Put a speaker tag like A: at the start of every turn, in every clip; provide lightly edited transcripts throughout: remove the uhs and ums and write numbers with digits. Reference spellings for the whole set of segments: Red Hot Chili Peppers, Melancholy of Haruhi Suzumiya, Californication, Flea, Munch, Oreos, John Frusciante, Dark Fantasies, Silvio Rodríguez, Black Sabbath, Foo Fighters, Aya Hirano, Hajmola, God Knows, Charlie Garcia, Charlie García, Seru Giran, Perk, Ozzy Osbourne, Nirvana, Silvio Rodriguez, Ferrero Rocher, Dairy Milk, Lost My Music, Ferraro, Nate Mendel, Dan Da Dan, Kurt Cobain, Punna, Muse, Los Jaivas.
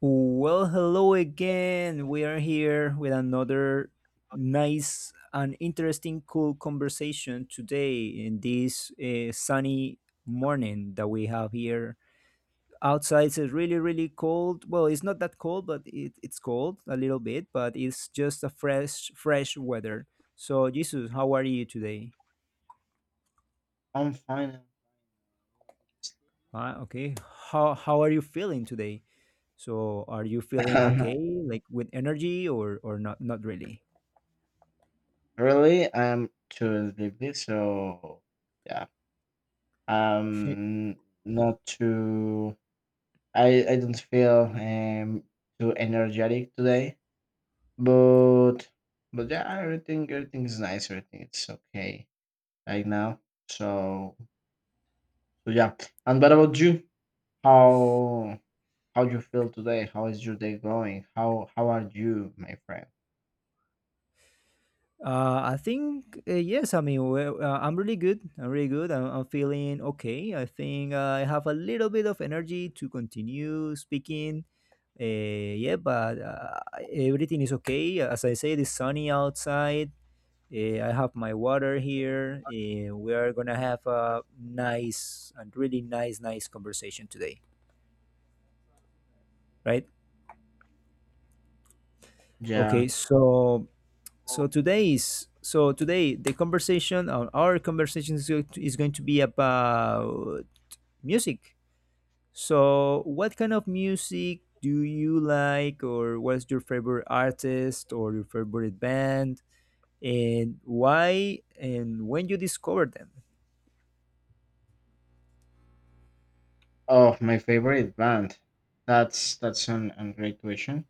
A: Well, hello again. We are here with another nice and interesting, cool conversation today in this sunny morning that we have here. Outside it's really, really cold. Well, it's not that cold, but it's cold a little bit, but it's just a fresh weather. So, Jesus, how are you today?
B: I'm fine.
A: Ah, okay. How are you feeling today? So, are you feeling okay, like with energy, or not? Not really.
B: Really, I'm too sleepy, so yeah. Um, not too. I don't feel too energetic today, but but yeah, everything is nice. Everything it's okay right now. So so yeah. And what about you? How how you feel today? How is your day going? How are you, my friend?
A: I think yes. I mean, I'm really good. I'm really good. I'm feeling okay. I think I have a little bit of energy to continue speaking. Yeah, but Everything is okay. As I say, it's sunny outside. I have my water here. We are gonna have a nice and really nice conversation today, right? Okay,
B: Yeah.
A: so so today is so today the conversation or our conversation is going to be about music. So what kind of music do you like, or what's your favorite artist or your favorite band, and why, and when you discovered them?
B: Oh, my favorite band. That's a great question.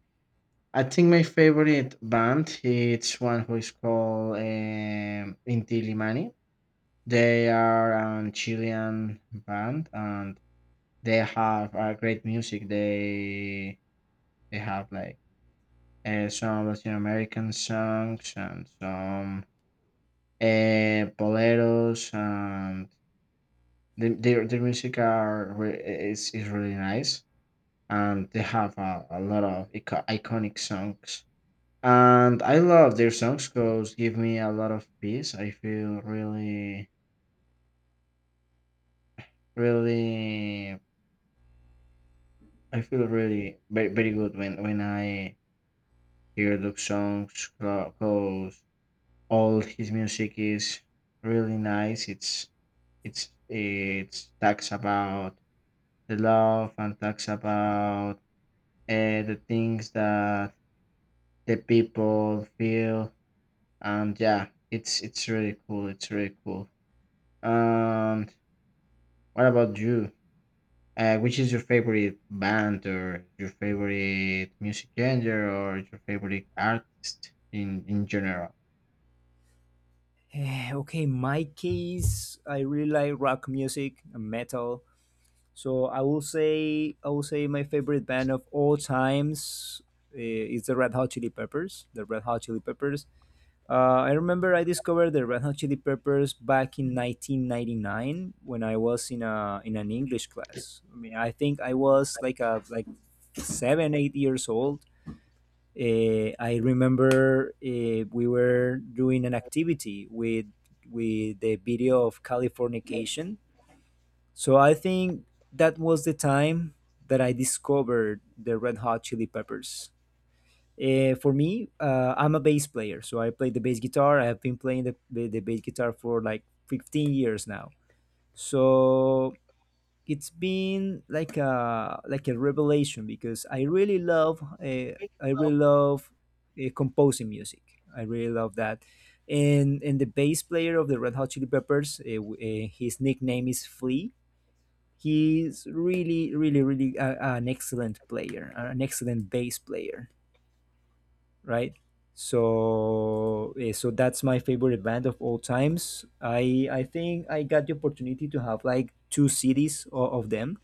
B: I think my favorite band it's one who is called Intilimani. They are a Chilean band and they have great music. They have like some Latin American songs and some boleros and their music are is really nice, and they have a lot of iconic songs, and I love their songs because give me a lot of peace. I feel really really, I feel really very, very good when I hear those songs because all his music is really nice. It's it's talks about the love and talks about the things that the people feel. And yeah, it's really cool. It's really cool. um what about you? Which is your favorite band or your favorite music genre or your favorite artist in general?
A: Okay, my case, I really like rock music and metal. So I will say my favorite band of all times is the Red Hot Chili Peppers. The Red Hot Chili Peppers. I remember I discovered the Red Hot Chili Peppers back in 1999 when I was in a in an English class. I mean, I think I was like 7 8 years old. I remember we were doing an activity with the video of Californication, so I think that was the time that I discovered the Red Hot Chili Peppers. For me, I'm a bass player, so I play the bass guitar. I have been playing the bass guitar for like 15 years now. So it's been like a revelation because
B: You
A: I really love composing music. I really love that. And the bass player of the Red Hot Chili Peppers, his nickname is Flea. He's really, really, really a, an excellent player, an excellent bass player, right? So, that's my favorite band of all times. I think I got the opportunity to have like two CDs of them.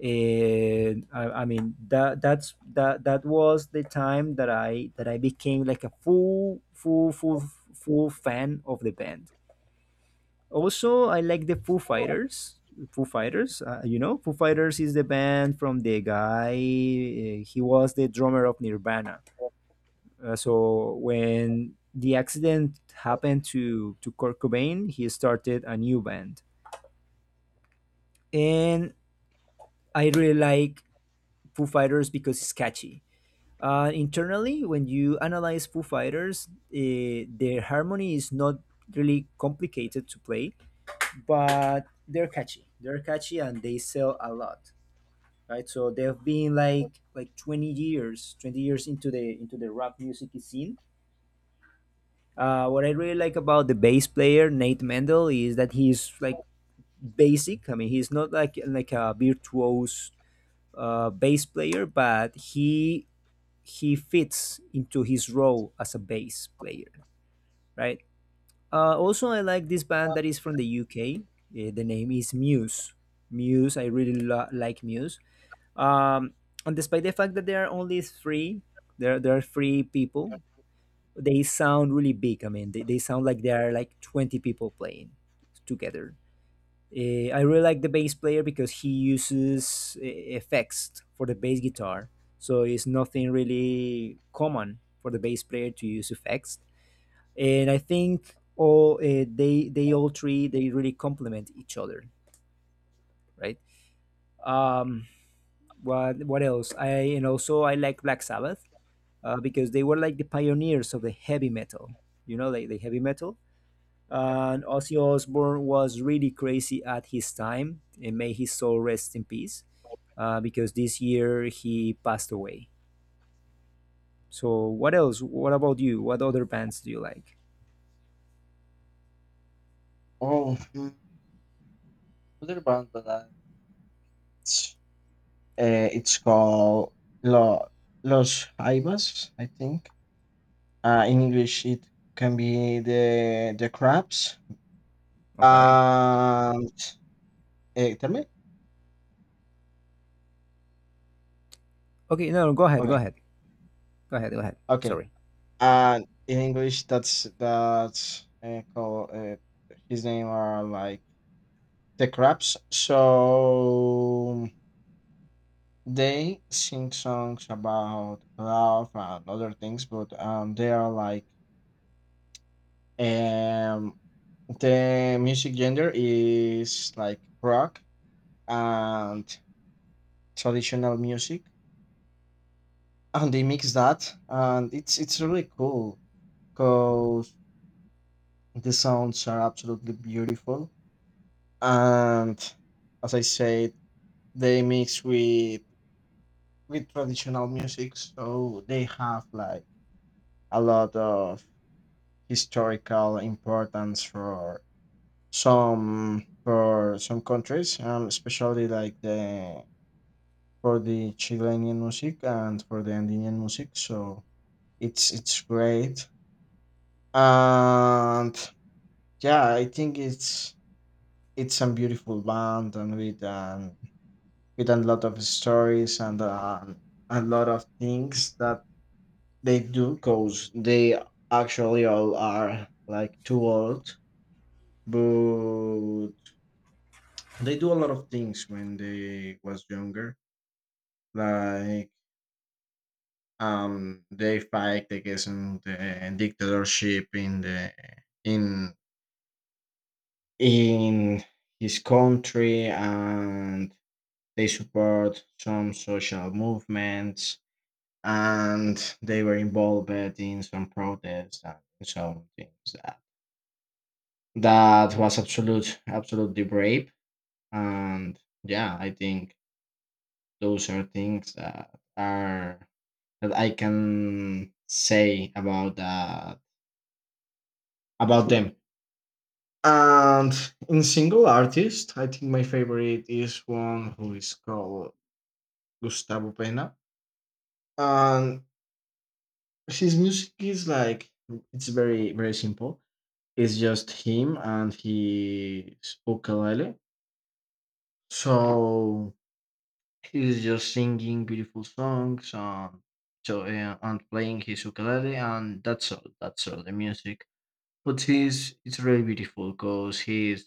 A: And I mean that was the time that I became like a full fan of the band. Also I like the Foo Fighters. Foo Fighters is the band from the guy. He was the drummer of Nirvana. So when the accident happened to Kurt Cobain, he started a new band. And I really like Foo Fighters because it's catchy. Internally, when you analyze Foo Fighters, their harmony is not really complicated to play, but they're catchy. They're catchy and they sell a lot, right? So they've been like 20 years, 20 years into the rap music scene. What I really like about the bass player Nate Mendel is that he's like basic. I mean, he's not like a virtuose bass player, but he fits into his role as a bass player, right? Also, I like this
B: know,
A: band
B: uh,
A: that is from the UK. Eh, the name is Muse. I really like Muse. Um, and despite the fact that there are only three, there are three people. They sound really big. I mean, they sound like there are like 20 people playing together. I really like the bass player because he uses effects for the bass guitar, so it's nothing really common for the bass player to use effects. And I think all they all three, they really complement each other, right? Um, what else? I and Also, I like Black Sabbath, because they were like the pioneers of the heavy metal, you know, like the heavy metal. And Ozzy Osbourne was really crazy at his time, and may his soul rest in peace, because this year he passed away. So what else? What about you? What other bands do you like?
B: oh, another band that I it's called Lo- los Jaivas, I think. Uh, in English it can be the crabs.
A: Okay.
B: And tell me.
A: Okay. No. no, Go ahead. Go
B: Okay.
A: ahead. Go ahead. Go ahead.
B: Okay.
A: Sorry.
B: And in English, that's called his name are like the crabs. So they sing songs about love and other things, but they are like um the music gender is like rock and traditional music, and they mix that, and it's really cool because the sounds are absolutely beautiful. And as I said, they mix with traditional music, so they have like a lot of historical importance for some countries, especially like the for the Chilean music and for the Andean music. So it's great, and yeah, I think it's a beautiful band and with a lot of stories and a lot of things that they do because they actually all are like too old, but they do a lot of things when they was younger, like they fight against the dictatorship in the in in his country, and they support some social movements and they were involved in some protests and some things that that was absolutely brave. And yeah, I think those are things that are that I can say about that, about them. And in single artist, I think my favorite is one who is called Gustavo Pena. And his music is like it's very very simple. It's just him and his ukulele. So he's just singing beautiful songs and so and playing his ukulele, and that's all. That's all the music. But he's it's really beautiful because he's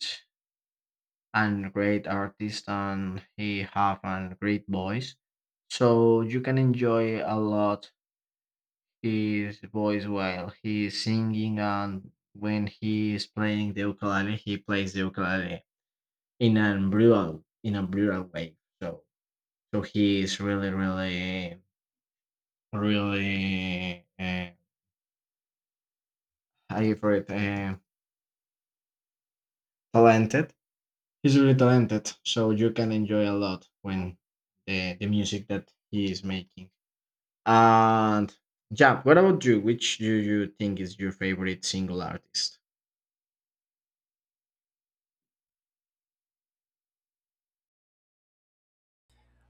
B: a great artist and he have a great voice. So you can enjoy a lot his voice while he's singing, and when he is playing the ukulele, he plays the ukulele in a brutal way. So so he is really really really I for it talented. He's really talented. So you can enjoy a lot when the music that he is making. And yeah, what about you? Which do you think is your favorite single artist?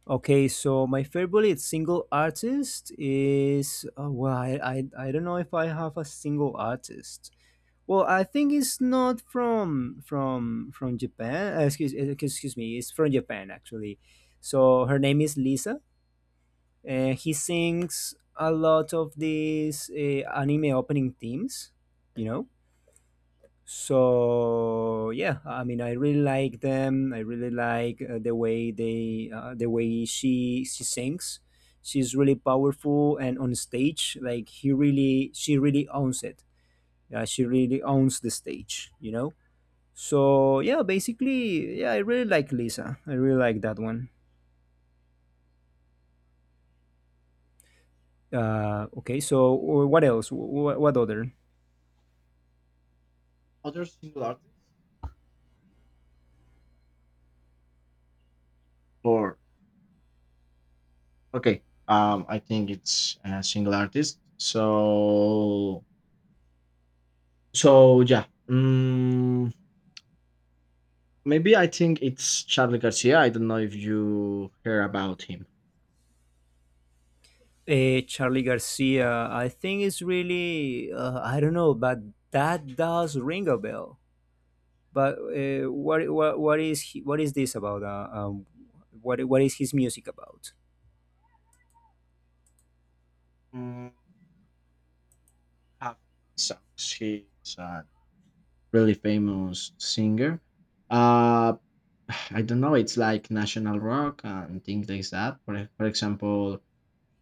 A: Okay, so my favorite single artist is oh, well, I don't know if I have a single artist. Well, I think it's not from Japan. Excuse me, it's from Japan, actually. So her name is Lisa, and he sings a lot of these anime opening themes. You know, so yeah, I mean, I really like them. I really like the way she sings. She's really powerful, and on stage, like, he really, she really owns it. Yeah, she really owns the stage, you know. So yeah, basically, yeah, I really like Lisa. I really like that one. Okay, so what else, what other?
B: Other single artist? Or okay, I think it's a single artist. So so yeah. Mm, maybe I think it's Charlie Garcia. I don't know if you hear about him.
A: Charlie Garcia, I think it's really, I don't know, but that does ring a bell. But what is he, what is this about? What is his music about?
B: Mm, have songs. He's a really famous singer. Uh, I don't know. It's like national rock and things like that. For example,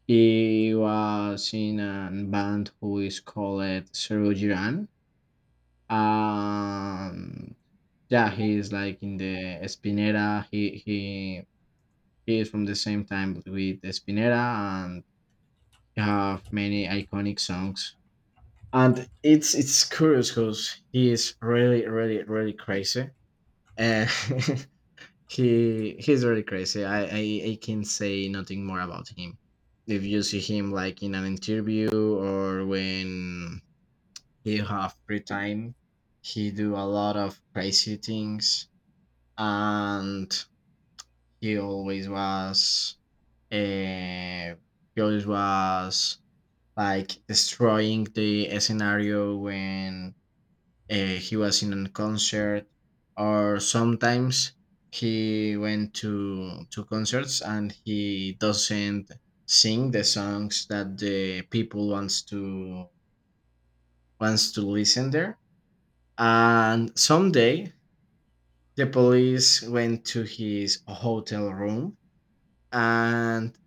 B: he was in a band who is called Zero Giran. Um, yeah, he is like in the Espinera. He is from the same time with Spinera. You have many iconic songs, and it's curious because he is really really really crazy. uh, he's really crazy. I can say nothing more about him. If you see him like in an interview or when he have free time, he do a lot of crazy things. And he always was uh, he always was like destroying the scenario when he was in a concert, or sometimes he went to concerts and he doesn't sing the songs that the people wants to wants to listen there. And someday the police went to his hotel room, and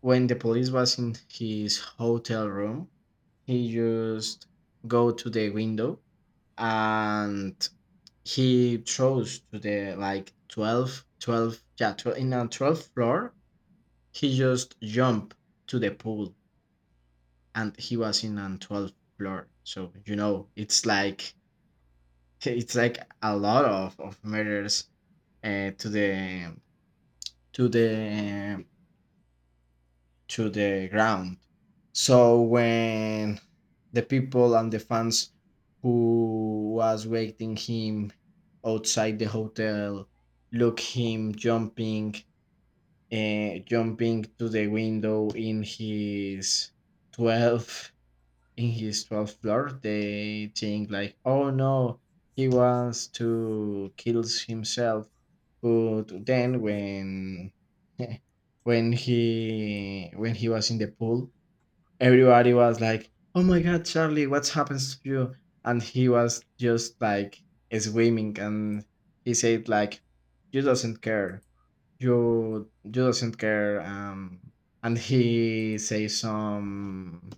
B: when the police was in his hotel room, he just go to the window, and he chose to the like 12, 12. Yeah 12, in a 12th floor he just jumped to the pool. And he was in a 12th floor, so you know it's like it's like a lot of murders to the to the to the ground. So when the people and the fans who was waiting him outside the hotel look him jumping jumping to the window in his 12 in his 12th floor, they think like, oh no, he wants to kill himself. But then
A: Mhm.
B: when when he was in the pool, everybody was like, oh my god, Charlie, what's happens to you? And he was just like swimming, and he said like, you doesn't care, you doesn't care. And he say some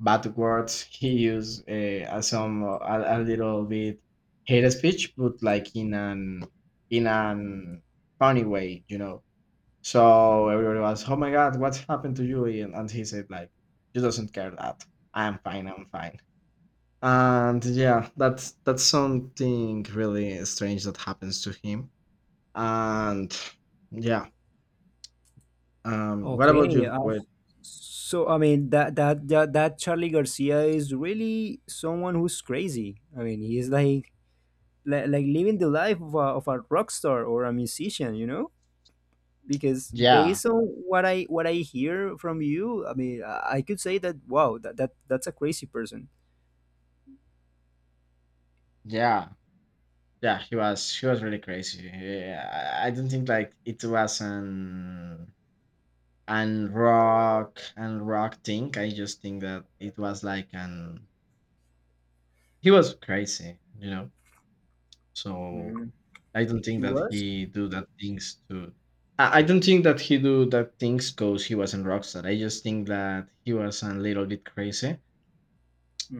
B: bad words. He used some a little bit hate speech but like in an funny way, you know. So everybody was oh my god what's happened to you, and he said like he doesn't care that I'm fine, I'm fine. And yeah, that's something really strange that happens to him. And yeah, what about
A: Okay,
B: you? Wait,
A: so I mean that Charlie Garcia is really someone who's crazy. I mean, he's like like living the life of a rock star or a musician, you know? Because
B: yeah,
A: based on what I hear from you, I mean, I could say that wow, that's a crazy person.
B: yeah. Yeah, he was really crazy. Yeah, I don't think like it was an rock and rock thing. I just think that it was like an he was crazy, you know. So
A: Mhm.
B: I don't
A: He
B: think that
A: was.
B: he do that things to. I don't think that he do that things because he was an rockstar. I just think that he was a little bit crazy,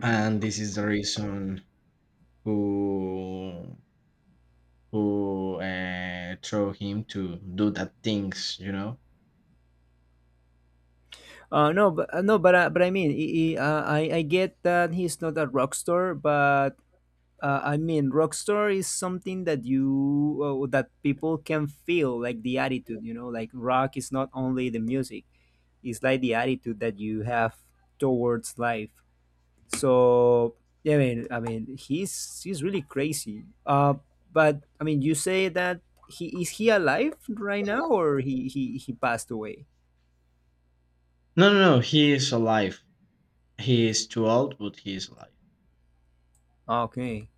B: and this is the reason who who throw him to do that things, you know.
A: No, but no, but I mean, he, I get that he's not a rock star, but I mean, rock star is something that you that people can feel like the attitude, you know, like rock is not only the music; it's like the attitude that you have towards life. So yeah, I mean, he's really crazy. But I mean, you say that he alive right now, or he passed away?
B: No, no, no. He is alive. He is too old, but he is alive.
A: Okay.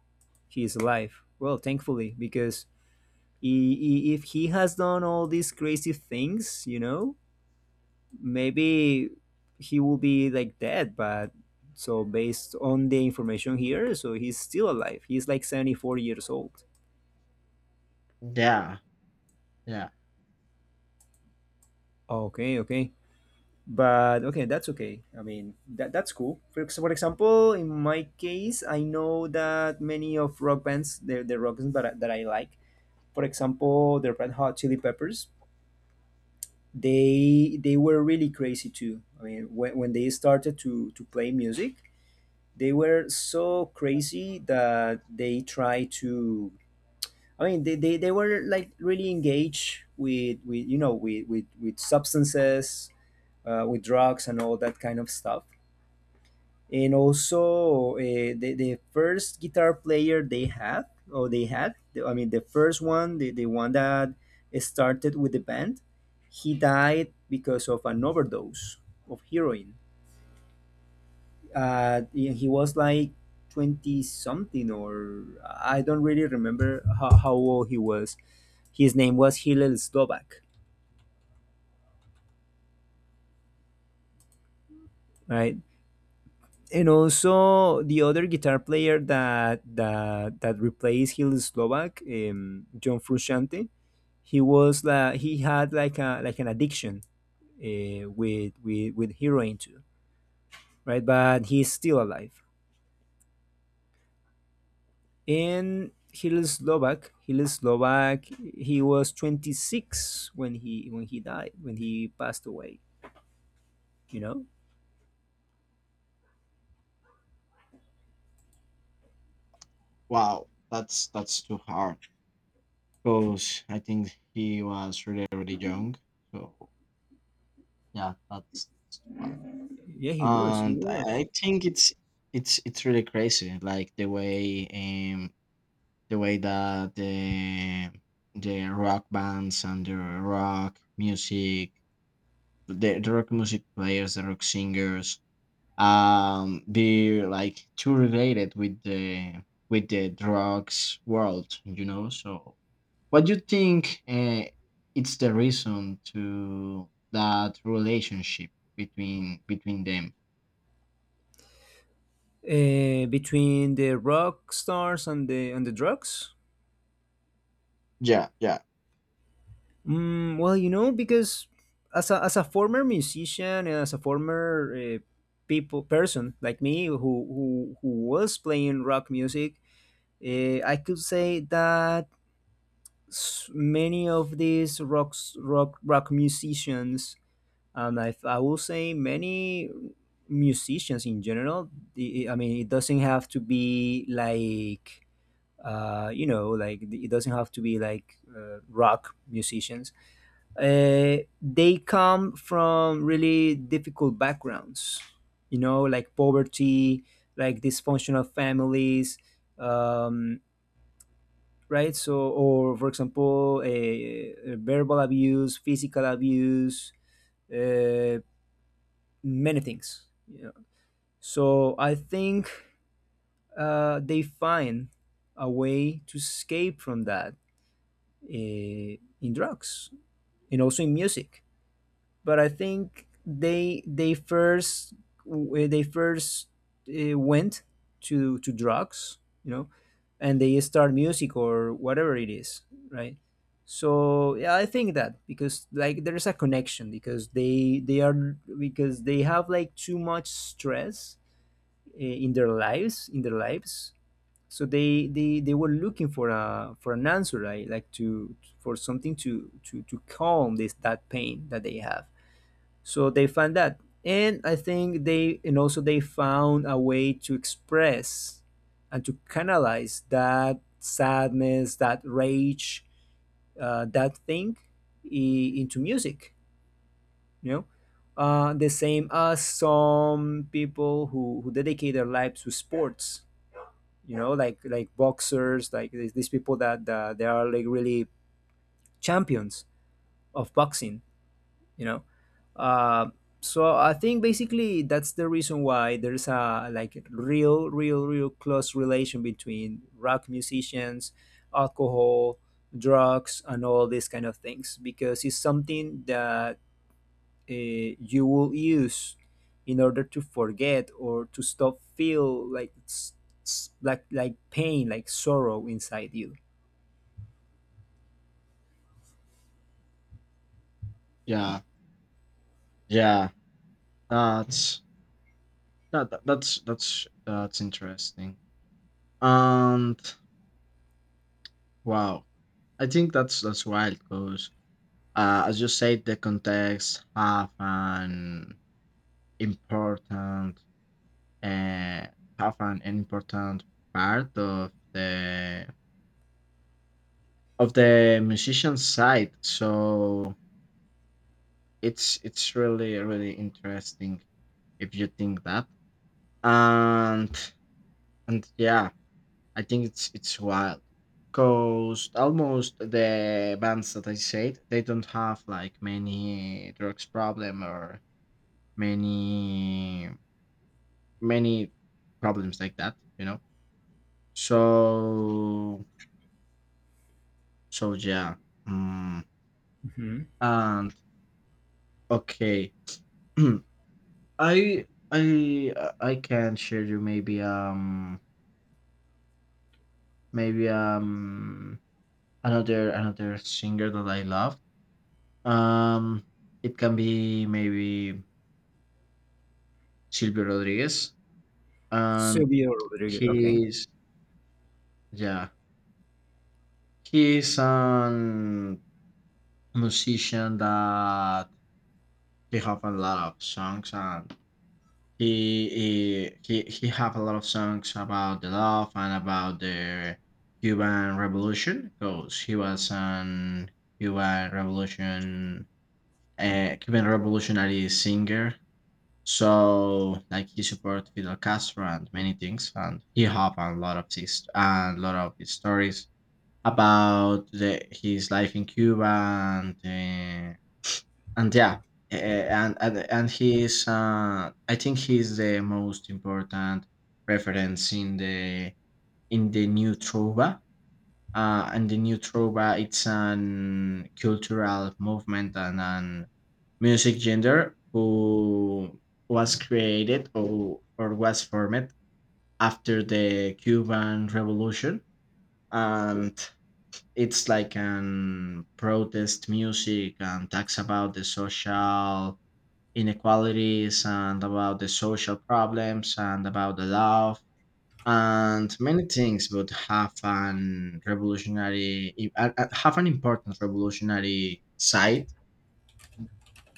A: He is alive. Well, thankfully, because if he has done all these crazy things, you know, maybe he will be like dead. But so based on the information here, so he's still alive. He's like 74 years old.
B: Yeah, yeah.
A: Okay, okay. But okay, that's okay. I mean, that that's cool. For, for example, in my case, I know that many of rock bands, the rock bands that that I like, for example, the Red Hot Chili Peppers, they were really crazy too. I mean, when they started to play music, they were so crazy that they tried to. I mean, they were like really engaged with, you know, with with substances, with drugs and all that kind of stuff. And also, the first guitar player they had, or they had the- I mean the first one, the one that started with the band, he died because of an overdose of heroin. He was like 20 something, or I don't really remember how old he was. His name was Hillel Slovak, right? And also the other guitar player that replaced Hill Slovak, John Frusciante, he had like a like an addiction with heroin too, right? But he's still alive. In Hill Slovak, Hill Slovak, he was 26 when he died, when he passed away. You know,
B: Wow, that's too hard. Because I think he was really really young. So yeah, that's too bad.
A: yeah, he
B: And
A: was
B: I think it's really crazy. Like the way that the rock bands and the rock music, the rock music players, the rock singers be like too related with the drugs world, you know. So what do you think it's the reason to that relationship between between them?
A: between the rock stars and the drugs.
B: Yeah, yeah.
A: Mm, well, you know, because as a former musician, and as a former people person like me, who was playing rock music, I could say that many of these rock musicians, and I will say many musicians in general. I mean, it doesn't have to be like it doesn't have to be like rock musicians. uh, they come from really difficult backgrounds, you know, like poverty, like dysfunctional families, um, right? So, or for example, verbal abuse, physical abuse, uh, many things. You know? So, I think they find a way to escape from that uh, in drugs and also in music. But I think they first went to drugs, you know, and they start music or whatever it is, right? So yeah, I think that, because like there's a connection, because they are, because they have like too much stress in their lives. So they were looking for a for an answer, right? Like to for something to calm this that pain that they have, so they found that. And I think they and also they found a way to express and to canalize that sadness, that rage, that thing into music, you know. The same as some people who dedicate their lives to sports, you know, like boxers, like these people that they are like really champions of boxing, you know. Uh, so I think basically that's the reason why there's a like real close relation between rock musicians, alcohol, drugs, and all these kind of things, because it's something that uh, you will use in order to forget or to stop feel like pain, like sorrow inside you.
B: Yeah, yeah, that's that's interesting. And wow, I think that's wild because as you said the context important uh, have an important part of the musician side. So it's really really interesting if you think that. And and yeah, I think it's wild. Cause almost the bands that I said, they don't have like many drugs problem or many many problems like that, you know. So so yeah, mm,
A: Hmm.
B: and okay, I can share you maybe maybe another another singer that I love. Um, it can be maybe Silvio Rodriguez, and
A: Silvio Rodriguez. Okay.
B: he's yeah he's an musician that he have a lot of songs, and he he have a lot of songs about the love and about the Cuban Revolution because he was an Cuban Revolution Cuban revolutionary singer. So like he support Fidel Castro and many things, and he have a lot of his and a lot of his stories about the, his life in Cuba and. And yeah and he is I think he's the most important reference in the new trova. Uh, and the new trova it's an cultural movement and an music gender who was created or was formed after the Cuban revolution. And it's like an protest music and talks about the social inequalities and about the social problems and about the love and many things would have an revolutionary have an important revolutionary side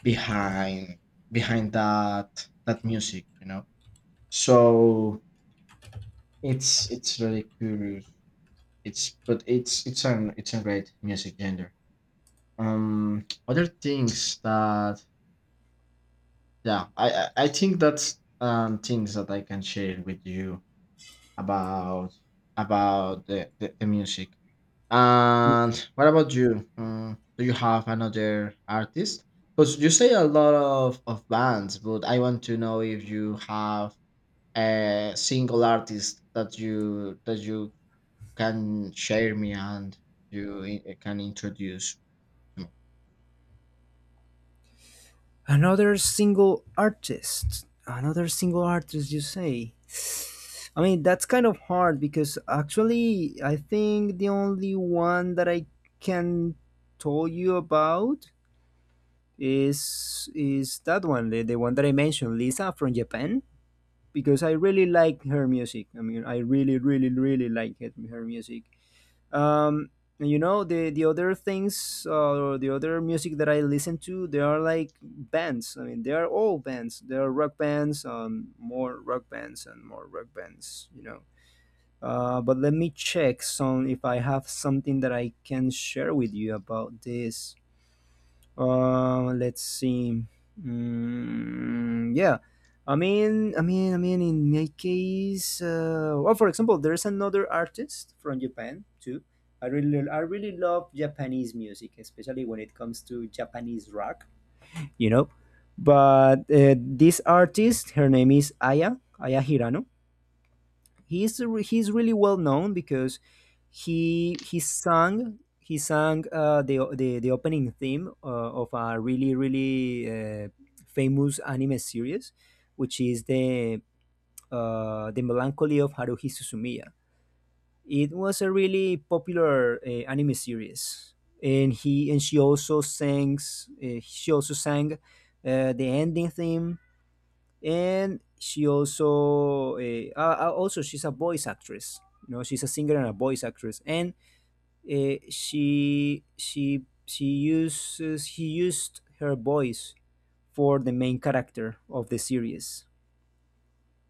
B: behind behind that that music, you know. So it's really curious. It's but it's an it's a great music genre. Other things that yeah I think that's things that I can share with you about about the music. And what about you? Mm, do you have another artist? Because you say a lot of bands, but I want to know if you have a single artist that you can share me and can introduce to me.
A: Another single artist. Another single artist, you say? I mean, that's kind of hard because actually, I think the only one that I can tell you about is that one, the one that I mentioned, Lisa from Japan, because I really like her music. I mean, I really like it, her music. um you know, the other things, or the other music that I listen to, they are like bands. I mean, they are all bands. They are rock bands, more rock bands and more rock bands, you know. But let me check some if I have something that I can share with you about this. Let's see. Mm, yeah. I mean, in my case, well, for example, there's another artist from Japan too. I really love Japanese music, especially when it comes to Japanese rock, you know. But this artist, her name is Aya Hirano. He's really well known because he sang the opening theme of a really really famous anime series, which is the Melancholy of Haruhi Suzumiya. It was a really popular anime series, and he and she also sang the ending theme. And she also she's a voice actress, you know. She's a singer and a voice actress. And she uses he used her voice for the main character of the series.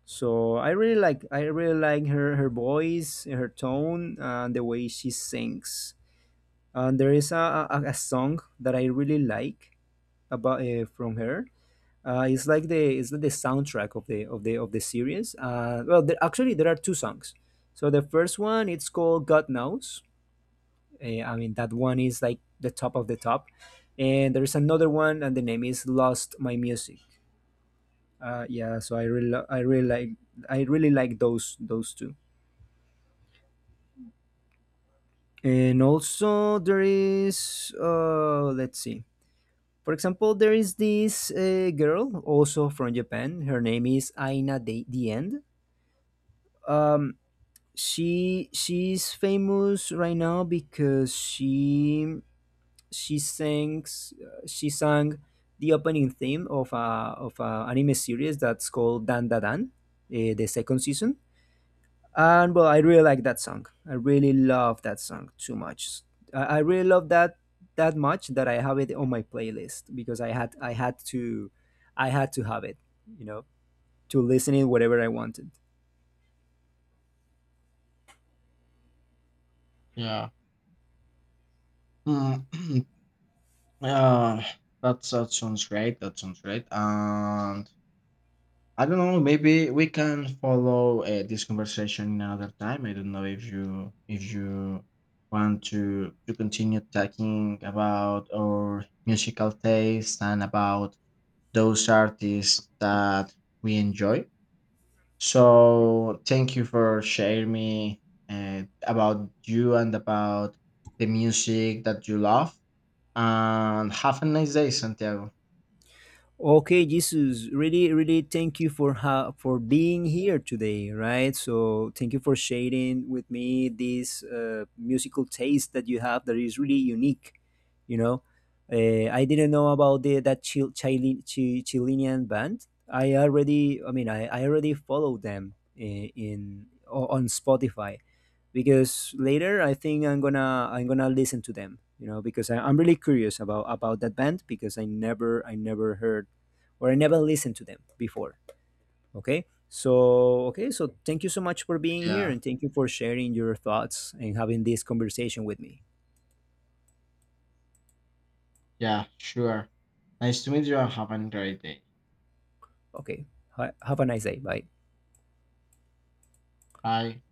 A: So I really like her, her voice, her tone, and the way she sings. And there is a song that I really like about from her. It's like the soundtrack of the of the of the series. Well, there, actually, there are two songs. So the first one, it's called God Knows. I mean, that one is like the top of the top. And there is another one, and the name is Lost My Music. Yeah, so I really like, I really like those two. And also there is, let's see. For example, there is this girl also from Japan. Her name is Aina the End. Um, she, she's famous right now because she sang the opening theme of a anime series that's called Dan Da Dan, the second season. And well, I really like that song. I really love that song too much. I really love that that much that I have it on my playlist because I had to, I had to have it, you know, to listen it whatever I wanted.
B: Yeah. Mm, uh, that, that sounds great. That sounds great. And I don't know. Maybe we can follow this conversation in another time. I don't know if you want to continue talking about our musical taste and about those artists that we enjoy. So thank you for sharing me about you and about the music that you love. And have a nice day, Santiago.
A: Okay, Jesus, really, really thank you for for being here today, right? So thank you for sharing with me this musical taste that you have, that is really unique. You know, I didn't know about that Chilean band. I mean, I already follow them on Spotify, because later I think I'm gonna listen to them, you know, because I'm really curious about that band, because I never heard or I never listened to them before. Okay, so okay, so thank you so much for being here,
B: Yeah.
A: and thank you for sharing your thoughts and having this conversation with me.
B: Yeah. Sure. Nice to meet you and have a great day.
A: Okay, have a nice day. Bye.
B: Aye.